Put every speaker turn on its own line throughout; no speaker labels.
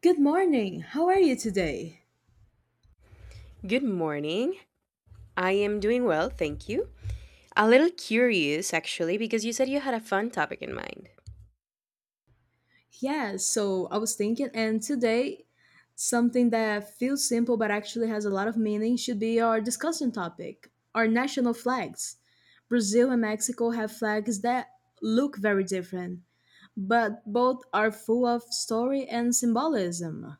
Good morning. How are you today?
Good morning. I am doing well, thank you. A little curious, actually, because you said you had a fun topic in mind.
Yeah, so I was thinking, and today, something that feels simple but actually has a lot of meaning should be our discussion topic our national flags. Brazil and Mexico have flags that look very different, but both are full of story and symbolism.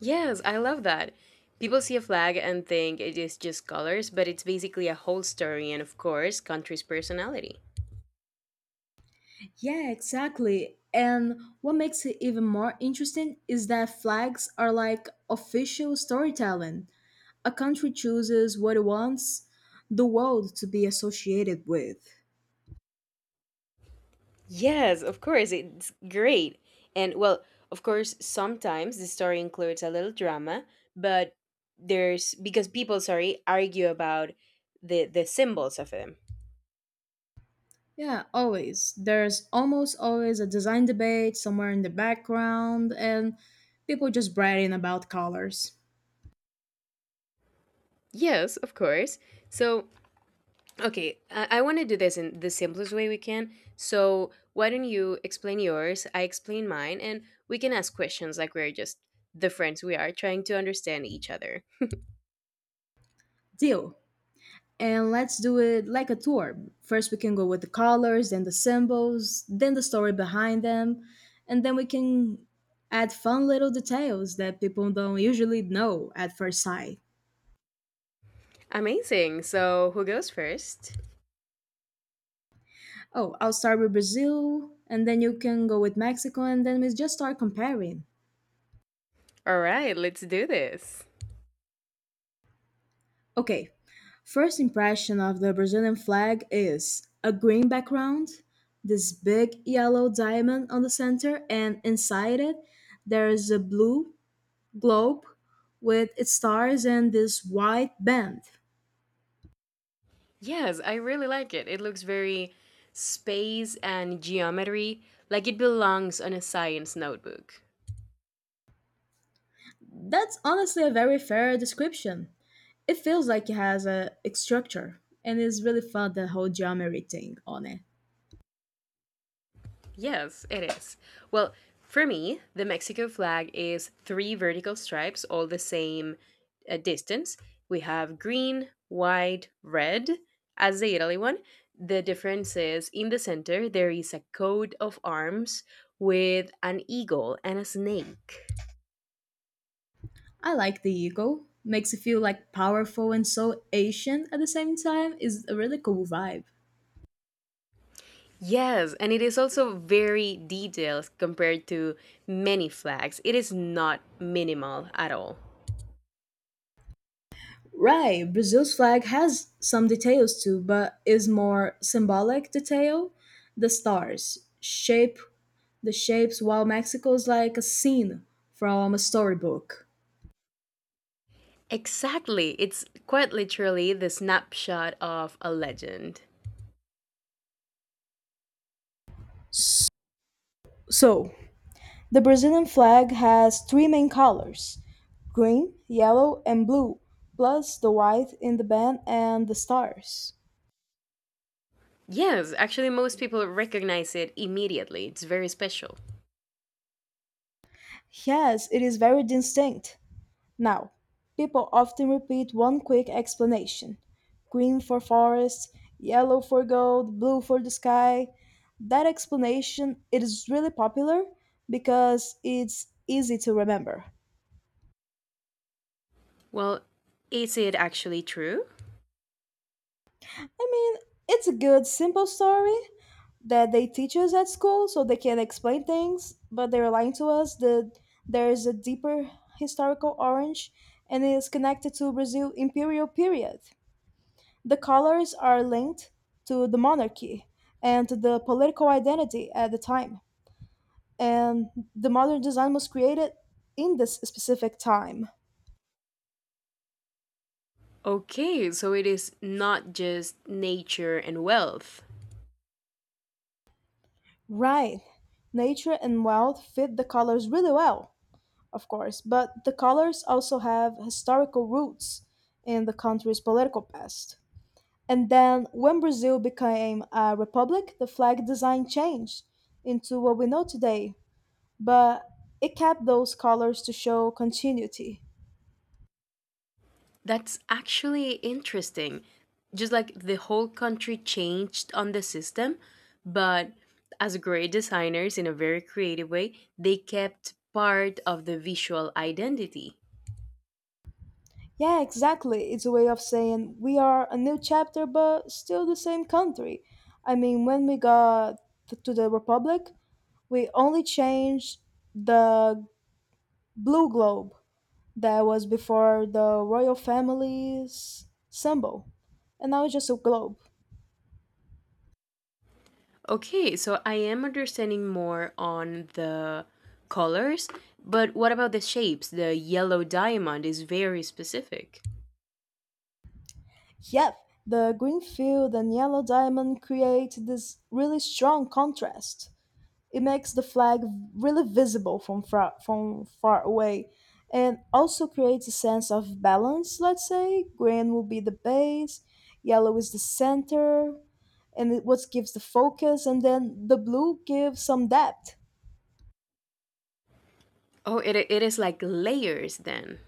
Yes, I love that. People see a flag and think it is just colors, but it's basically a whole story and, of course, country's personality.
Yeah, exactly. And what makes it even more interesting is that flags are like official storytelling. A country chooses what it wants the world to be associated with.
Yes, of course, it's great. And, well, of course, sometimes the story includes a little drama, but there's because people, sorry, argue about the symbols of them.
Yeah, always. There's almost always a design debate somewhere in the background and people just bragging about colors.
Yes, of course. So, okay, I want to do this in the simplest way we can. So, why don't you explain yours? I explain mine, and we can ask questions like we're just the friends we are trying to understand each other.
Deal. And let's do it like a tour. First, we can go with the colors, then the symbols, then the story behind them, and then we can add fun little details that people don't usually know at first sight.
Amazing. So, who goes first?
Oh, I'll start with Brazil, and then you can go with Mexico, and then we just start comparing.
All right, let's do this.
Okay, first impression of the Brazilian flag is a green background, this big yellow diamond on the center, and inside it, there is a blue globe with its stars and this white band.
Yes, I really like it. It looks very space and geometry, like it belongs on a science notebook.
That's honestly a very fair description. It feels like it has a structure, and it's really fun the whole geometry thing on it.
Yes, it is. Well, for me, the Mexico flag is three vertical stripes, all the same distance. We have green, white, red as the Italy one. The difference is in the center, there is a coat of arms with an eagle and a snake.
I like the eagle. Makes you feel like powerful and so Asian at the same time is a really cool vibe.
Yes, and it is also very detailed compared to many flags. It is not minimal at all.
Right, Brazil's flag has some details too, but is more symbolic detail. The stars shape the shapes, while Mexico's like a scene from a storybook.
Exactly. It's quite literally the snapshot of a legend.
S- So, the Brazilian flag has three main colors green, yellow, and blue, plus the white in the band and the stars.
Yes, actually, most people recognize it immediately. It's very special.
Yes, it is very distinct. Now, people often repeat one quick explanation green for forest, yellow for gold, blue for the sky. That explanation it is really popular because it's easy to remember.
Well, is it actually true?
I mean, it's a good simple story that they teach us at school so they can explain things, but they're lying to us that there is a deeper historical orange and it is connected to Brazil imperial period. The colors are linked to the monarchy and to the political identity at the time. And the modern design was created in this specific time.
Okay, so it is not just nature and wealth.
Right. Nature and wealth fit the colors really well, of course, but the colors also have historical roots in the country's political past. And then when Brazil became a republic, the flag design changed into what we know today, but it kept those colors to show continuity.
That's actually interesting. Just like the whole country changed on the system, but as great designers in a very creative way, they kept part of the visual identity.
Yeah, exactly. It's a way of saying we are a new chapter, but still the same country. I mean, when we got to the Republic, we only changed the blue globe that was before the royal family's symbol, and now it's just a globe.
Okay, so I am understanding more on the colors, but what about the shapes? The yellow diamond is very specific.
Yep, the green field and yellow diamond create this really strong contrast. It makes the flag really visible from far away and also creates a sense of balance, let's say. Green will be the base, yellow is the center, and it, what gives the focus, and then the blue gives some depth.
Oh, it is like layers then.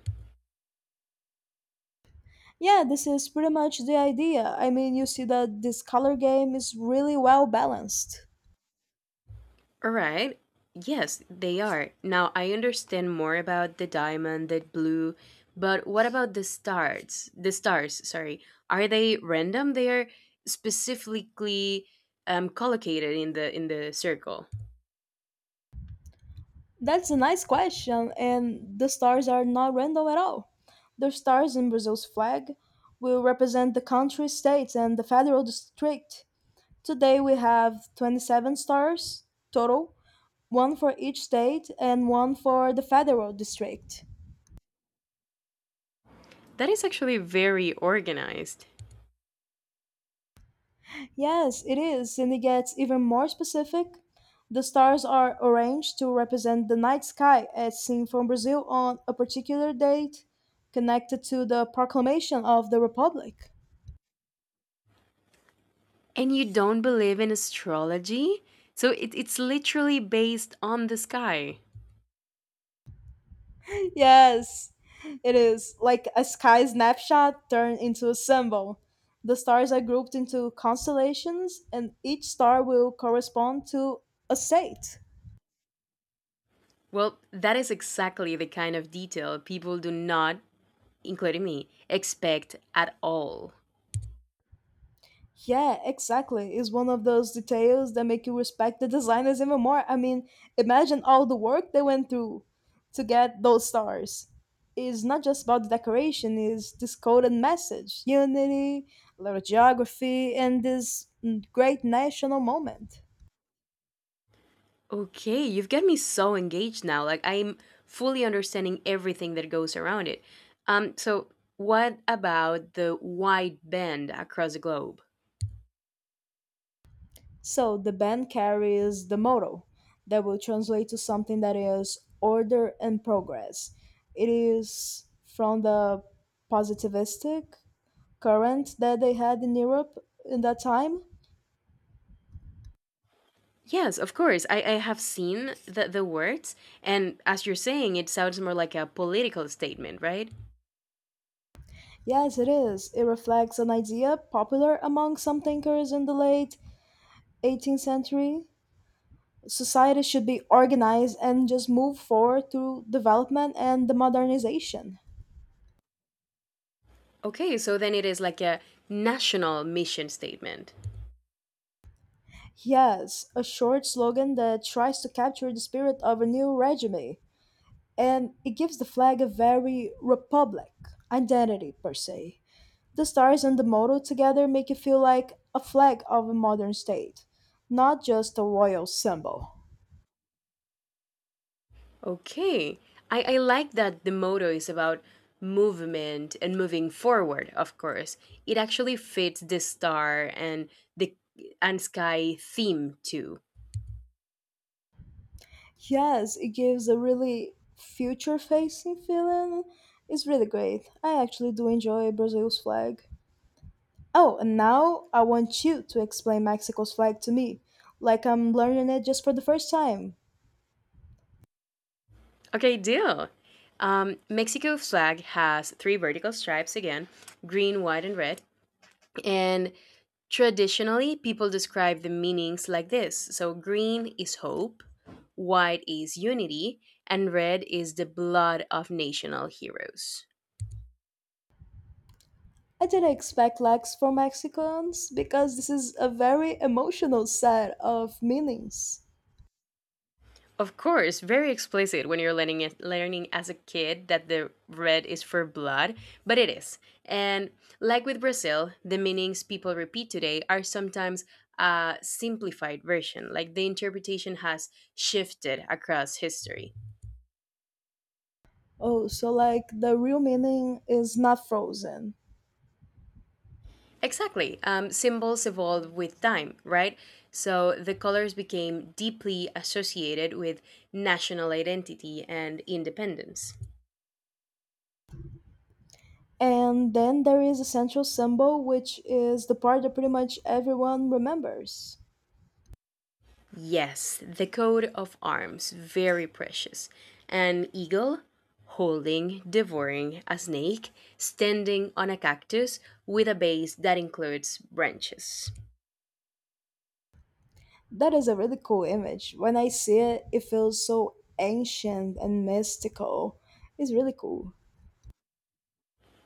Yeah, this is pretty much the idea. I mean, you see that this color game is really well balanced.
All right. Yes, they are. Now I understand more about the diamond, the blue, but what about the stars? The stars, sorry. Are they random? They are specifically collocated in the circle.
That's a nice question, and the stars are not random at all. The stars in Brazil's flag will represent the country, state, and the federal district. Today we have 27 stars total, one for each state and one for the federal district.
That is actually very organized.
Yes, it is, and it gets even more specific. The stars are arranged to represent the night sky as seen from Brazil on a particular date connected to the proclamation of the Republic.
And you don't believe in astrology? So it's literally based on the sky.
Yes, it is. Like a sky snapshot turned into a symbol. The stars are grouped into constellations, and each star will correspond to a state.
Well, that is exactly the kind of detail people do not, including me, expect at all.
Yeah, exactly. It's one of those details that make you respect the designers even more. I mean, imagine all the work they went through to get those stars. It's not just about the decoration, it's this coded message, unity, a lot of geography, and this great national moment.
Okay, you've got me so engaged now. Like, I'm fully understanding everything that goes around it. So, what about the wide band across the globe?
So the band carries the motto that will translate to something that is order and progress. It is from the positivistic current that they had in Europe in that time.
Yes, of course. I have seen the words, and as you're saying, it sounds more like a political statement, right?
Yes, it is. It reflects an idea popular among some thinkers in the late 18th century. Society should be organized and just move forward through development and the modernization.
Okay, so then it is like a national mission statement.
Yes, a short slogan that tries to capture the spirit of a new regime, and it gives the flag a very republic identity per se. The stars and the motto together make it feel like a flag of a modern state, not just a royal symbol.
Okay. I like that the motto is about movement and moving forward, of course. It actually fits the star and the and sky theme too.
Yes, it gives a really future facing feeling. It's really great. I actually do enjoy Brazil's flag. Oh, and now I want you to explain Mexico's flag to me, like I'm learning it just for the first time.
Okay, deal. Mexico flag has three vertical stripes again, green, white, and red. And traditionally, people describe the meanings like this. So, green is hope, white is unity, and red is the blood of national heroes.
I didn't expect flags for Mexicans because this is a very emotional set of meanings.
Of course, very explicit when you're learning it, learning as a kid that the red is for blood, but it is. And like with Brazil, the meanings people repeat today are sometimes a simplified version, like the interpretation has shifted across history.
Oh, so like the real meaning is not frozen.
Exactly. Symbols evolved with time, right? So the colors became deeply associated with national identity and independence.
And then there is a central symbol, which is the part that pretty much everyone remembers.
Yes, the coat of arms, very precious. An eagle holding, devouring a snake, standing on a cactus with a base that includes branches.
That is a really cool image. When I see it, it feels so ancient and mystical. It's really cool.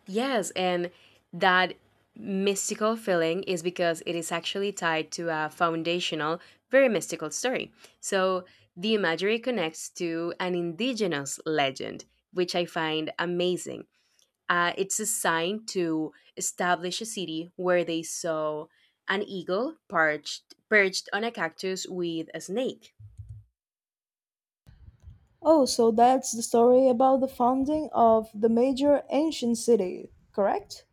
Yes, and that mystical feeling is because it is actually tied to a foundational, very mystical story. So the imagery connects to an indigenous legend, which I find amazing. It's a sign to establish a city where they saw an eagle perched on a cactus with a snake.
Oh, so that's the story about the founding of the major ancient city, correct?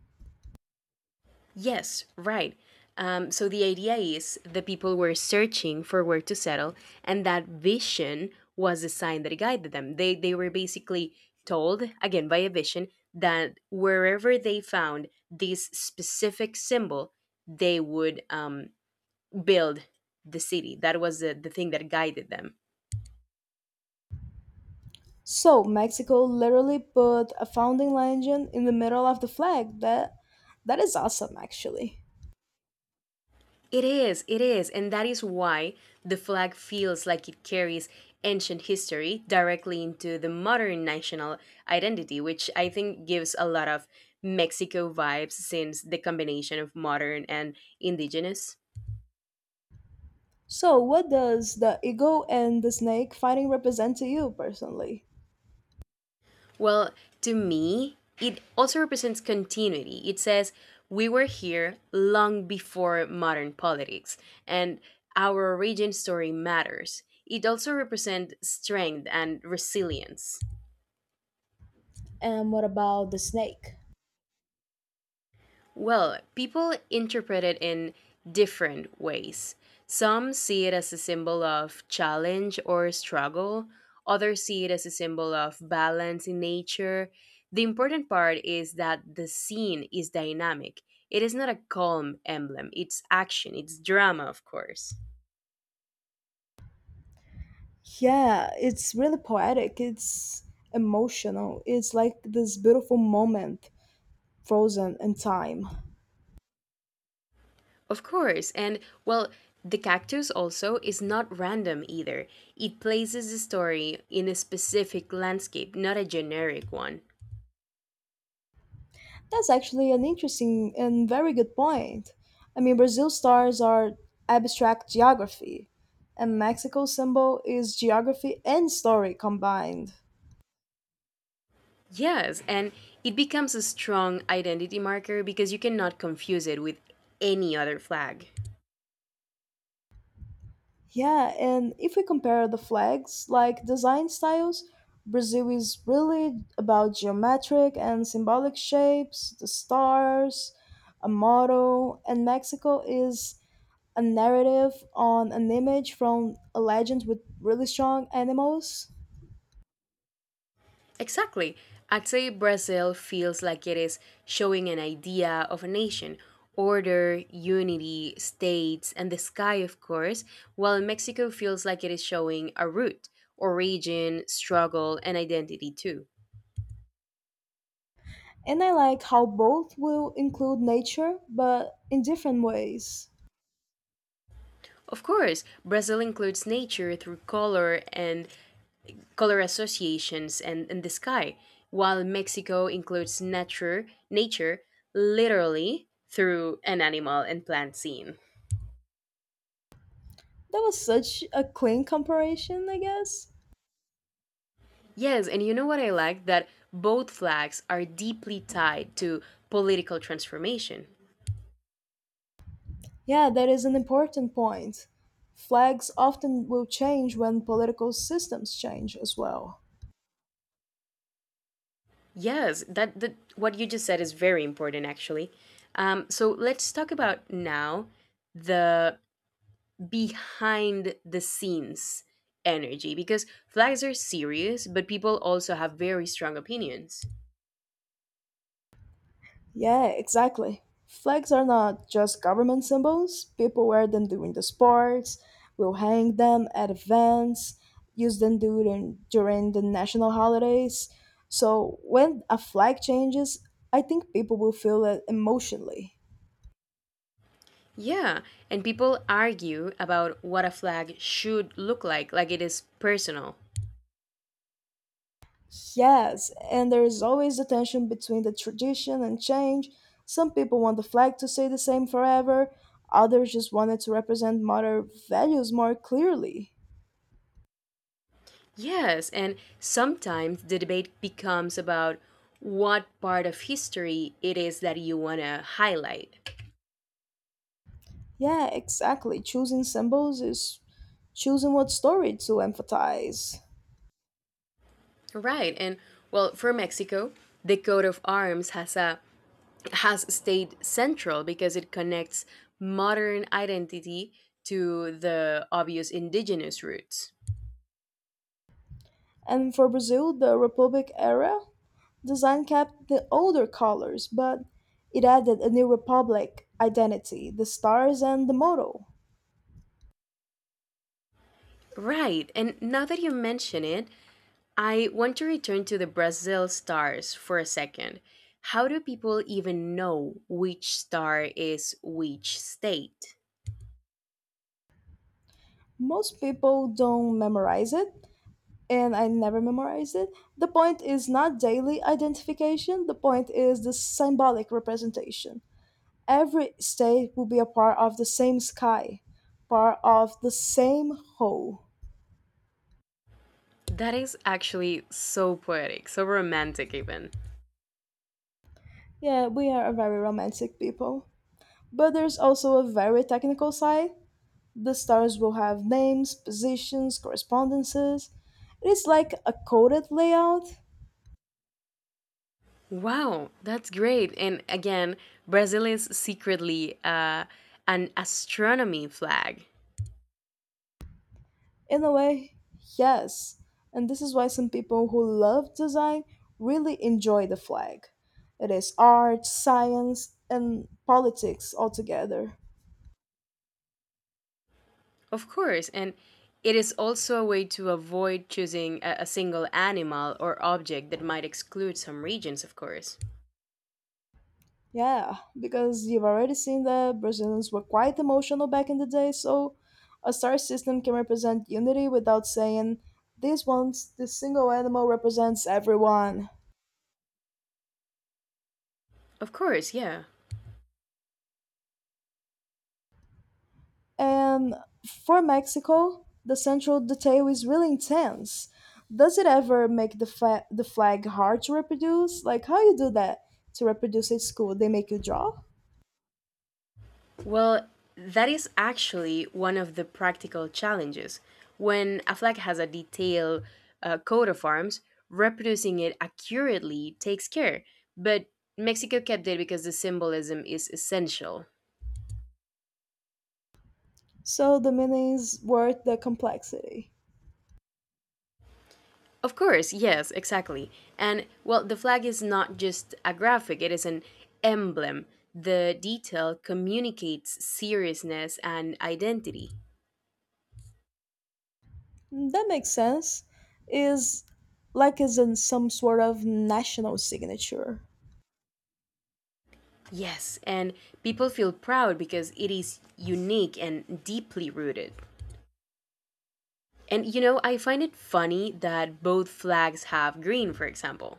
Yes, right. So the idea is the people were searching for where to settle, and that vision was the sign that guided them. They were basically told again by a vision that wherever they found this specific symbol, they would build the city. That was the thing that guided them.
So, Mexico literally put a founding legend in the middle of the flag. That is awesome actually.
It is, and that is why the flag feels like it carries ancient history directly into the modern national identity, which I think gives a lot of Mexico vibes since the combination of modern and indigenous.
So, what does the eagle and the snake fighting represent to you personally?
Well, to me, it also represents continuity. It says, we were here long before modern politics, and our origin story matters. It also represents strength and resilience.
And what about the snake?
Well, people interpret it in different ways. Some see it as a symbol of challenge or struggle, others see it as a symbol of balance in nature. The important part is that the scene is dynamic. It is not a calm emblem, it's action, it's drama, of course.
Yeah, it's really poetic. It's emotional. It's like this beautiful moment frozen in time.
Of course, and well, the cactus also is not random either. It places the story in a specific landscape, not a generic one.
That's actually an interesting and very good point. I mean, Brazil stars are abstract geography, and Mexico's symbol is geography and story combined.
Yes, and it becomes a strong identity marker because you cannot confuse it with any other flag.
Yeah, and if we compare the flags, like design styles, Brazil is really about geometric and symbolic shapes, the stars, a motto, and Mexico is a narrative on an image from a legend with really strong animals.
Exactly. I'd say Brazil feels like it is showing an idea of a nation order, unity, states, and the sky, of course, while Mexico feels like it is showing a root, origin, struggle, and identity too.
And I like how both will include nature, but in different ways.
Of course, Brazil includes nature through color and color associations, and, the sky, while Mexico includes nature, nature literally through an animal and plant scene.
That was such a clean comparison, I guess.
Yes, and you know what I like? That both flags are deeply tied to political transformation.
Yeah, that is an important point. Flags often will change when political systems change as well.
Yes, that what you just said is very important actually. So let's talk about now the behind the scenes energy because flags are serious, but people also have very strong opinions.
Yeah, exactly. Flags are not just government symbols. People wear them during the sports, will hang them at events, use them during the national holidays. So when a flag changes, I think people will feel it emotionally.
Yeah, and people argue about what a flag should look like it is personal.
Yes, and there is always the tension between the tradition and change. Some people want the flag to stay the same forever, others just want it to represent modern values more clearly.
Yes, and sometimes the debate becomes about what part of history it is that you want to highlight.
Yeah, exactly. Choosing symbols is choosing what story to emphasize.
Right, and well, for Mexico, the coat of arms has a has stayed central because it connects modern identity to the obvious indigenous roots.
And for Brazil, the Republic era, design kept the older colors, but it added a new Republic identity, the stars and the motto.
Right, and now that you mention it, I want to return to the Brazil stars for a second. How do people even know which star is which state?
Most people don't memorize it, and I never memorized it. The point is not daily identification, the point is the symbolic representation. Every state will be a part of the same sky, part of the same whole.
That is actually so poetic, so romantic, even.
Yeah, we are a very romantic people. But there's also a very technical side. The stars will have names, positions, correspondences. It is like a coded layout,
Wow, that's great. And again, Brazil is secretly an astronomy flag.
in a way, yes. And this is why some people who love design really enjoy the flag. It is art, science, and politics all together.
Of course, and it is also a way to avoid choosing a single animal or object that might exclude some regions, of course.
Yeah, because you've already seen that Brazilians were quite emotional back in the day, so a star system can represent unity without saying this one, this single animal represents everyone.
Of course, yeah.
And for Mexico, the central detail is really intense. Does it ever make the the flag hard to reproduce? Like how you do that to reproduce at school? They make you draw.
Well, that is actually one of the practical challenges. When a flag has a detailed coat of arms, reproducing it accurately takes care. But Mexico kept it because the symbolism is essential.
So the meaning is worth the complexity.
Of course, yes, exactly. And well, the flag is not just a graphic, it is an emblem. The detail communicates seriousness and identity.
That makes sense. Is like is in some sort of national signature.
Yes, and people feel proud because it is unique and deeply rooted. And you know, I find it funny that both flags have green, for example.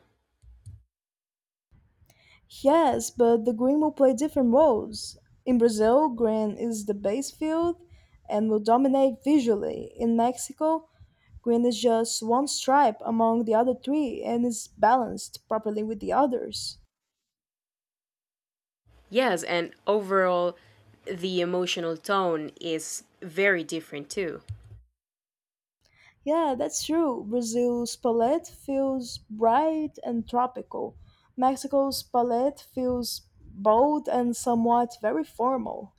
Yes, but the green will play different roles. In Brazil, green is the base field and will dominate visually. In Mexico, green is just one stripe among the other three and is balanced properly with the others.
Yes, and overall, the emotional tone is very different too.
Yeah, that's true. Brazil's palette feels bright and tropical. Mexico's palette feels bold and somewhat very formal.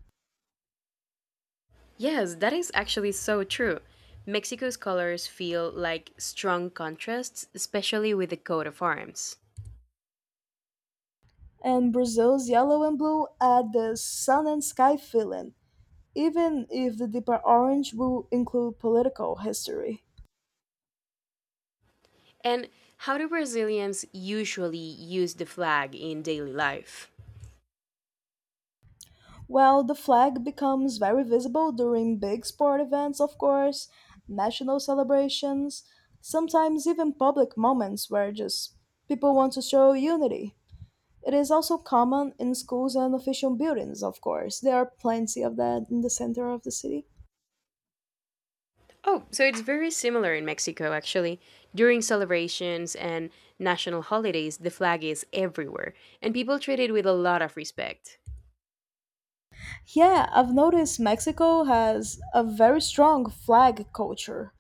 Yes, that is actually so true. Mexico's colors feel like strong contrasts, especially with the coat of arms.
And Brazil's yellow and blue add the sun and sky feeling, even if the deeper orange will include political history.
And how do Brazilians usually use the flag in daily life?
While the flag becomes very visible during big sport events, of course, national celebrations, sometimes even public moments where just people want to show unity. It is also common in schools and official buildings, of course. There are plenty of that in the center of the city.
Oh, so it's very similar in Mexico, actually. During celebrations and national holidays, the flag is everywhere, and people treat it with a lot of respect.
Yeah, I've noticed Mexico has a very strong flag culture.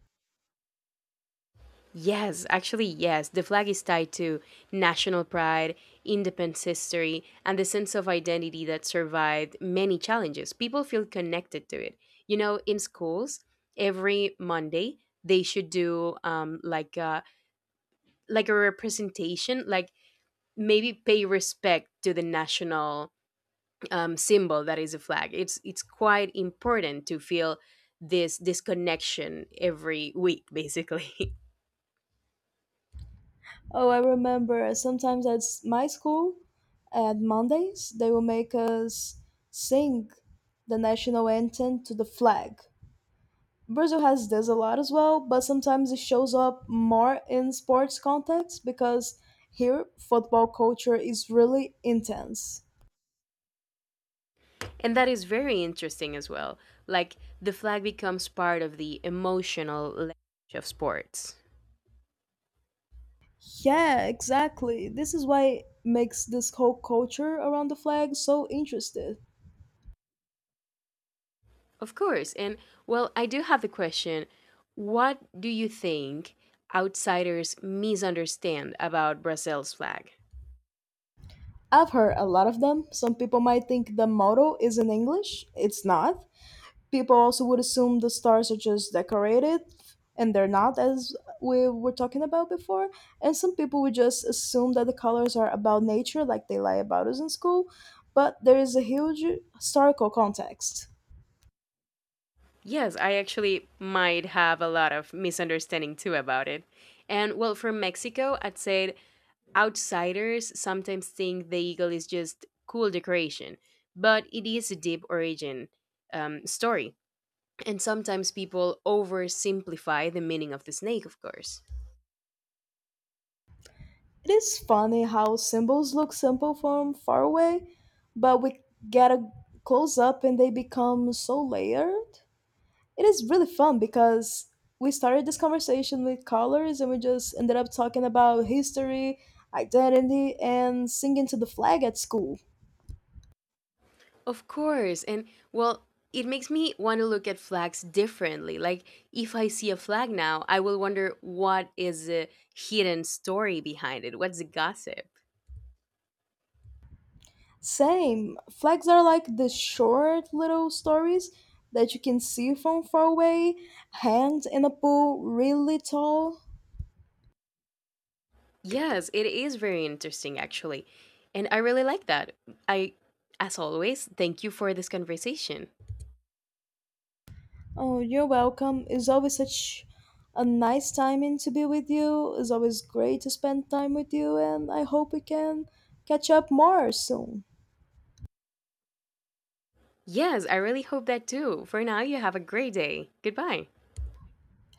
Yes, actually, yes, the flag is tied to national pride, independent history, and the sense of identity that survived many challenges. People feel connected to it. You know, in schools, every Monday, they should do like a representation, like maybe pay respect to the national symbol that is a flag. It's quite important to feel this connection every week, basically,
Oh, I remember sometimes at my school, at Mondays, they will make us sing the national anthem to the flag. Brazil has this a lot as well, but sometimes it shows up more in sports context because here football culture is really intense.
and that is very interesting as well. Like the flag becomes part of the emotional language of sports,
Yeah, exactly. This is why makes this whole culture around the flag so interesting.
of course. And well, I do have the question: What do you think outsiders misunderstand about Brazil's flag?
I've heard a lot of them. Some people might think the motto is in English. It's not. People also would assume the stars are just decorated and they're not as we were talking about before. And some people would just assume that the colors are about nature like they lie about us in school, but there is a huge historical context.
Yes, I actually might have a lot of misunderstanding too about it. And well, from Mexico, I'd say outsiders sometimes think the eagle is just cool decoration, but it is a deep origin story. And sometimes people oversimplify the meaning of the snake, of course.
It is funny how symbols look simple from far away, but we get a close up and they become so layered. It is really fun because we started this conversation with colors and we just ended up talking about history, identity, and singing to the flag at school.
Of course. And well, it makes me want to look at flags differently. Like, if I see a flag now, I will wonder what is the hidden story behind it? What's the gossip?
Same. Flags are like the short little stories that you can see from far away, hanged in a pool really tall.
Yes, it is very interesting actually. And I really like that. I as always, thank you for this conversation.
Oh, you're welcome. It's always such a nice timing to be with you. It's always great to spend time with you, and I hope we can catch up more soon.
Yes, I really hope that too. For now, you have a great day. Goodbye.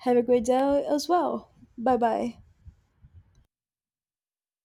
Have a great day as well. Bye bye.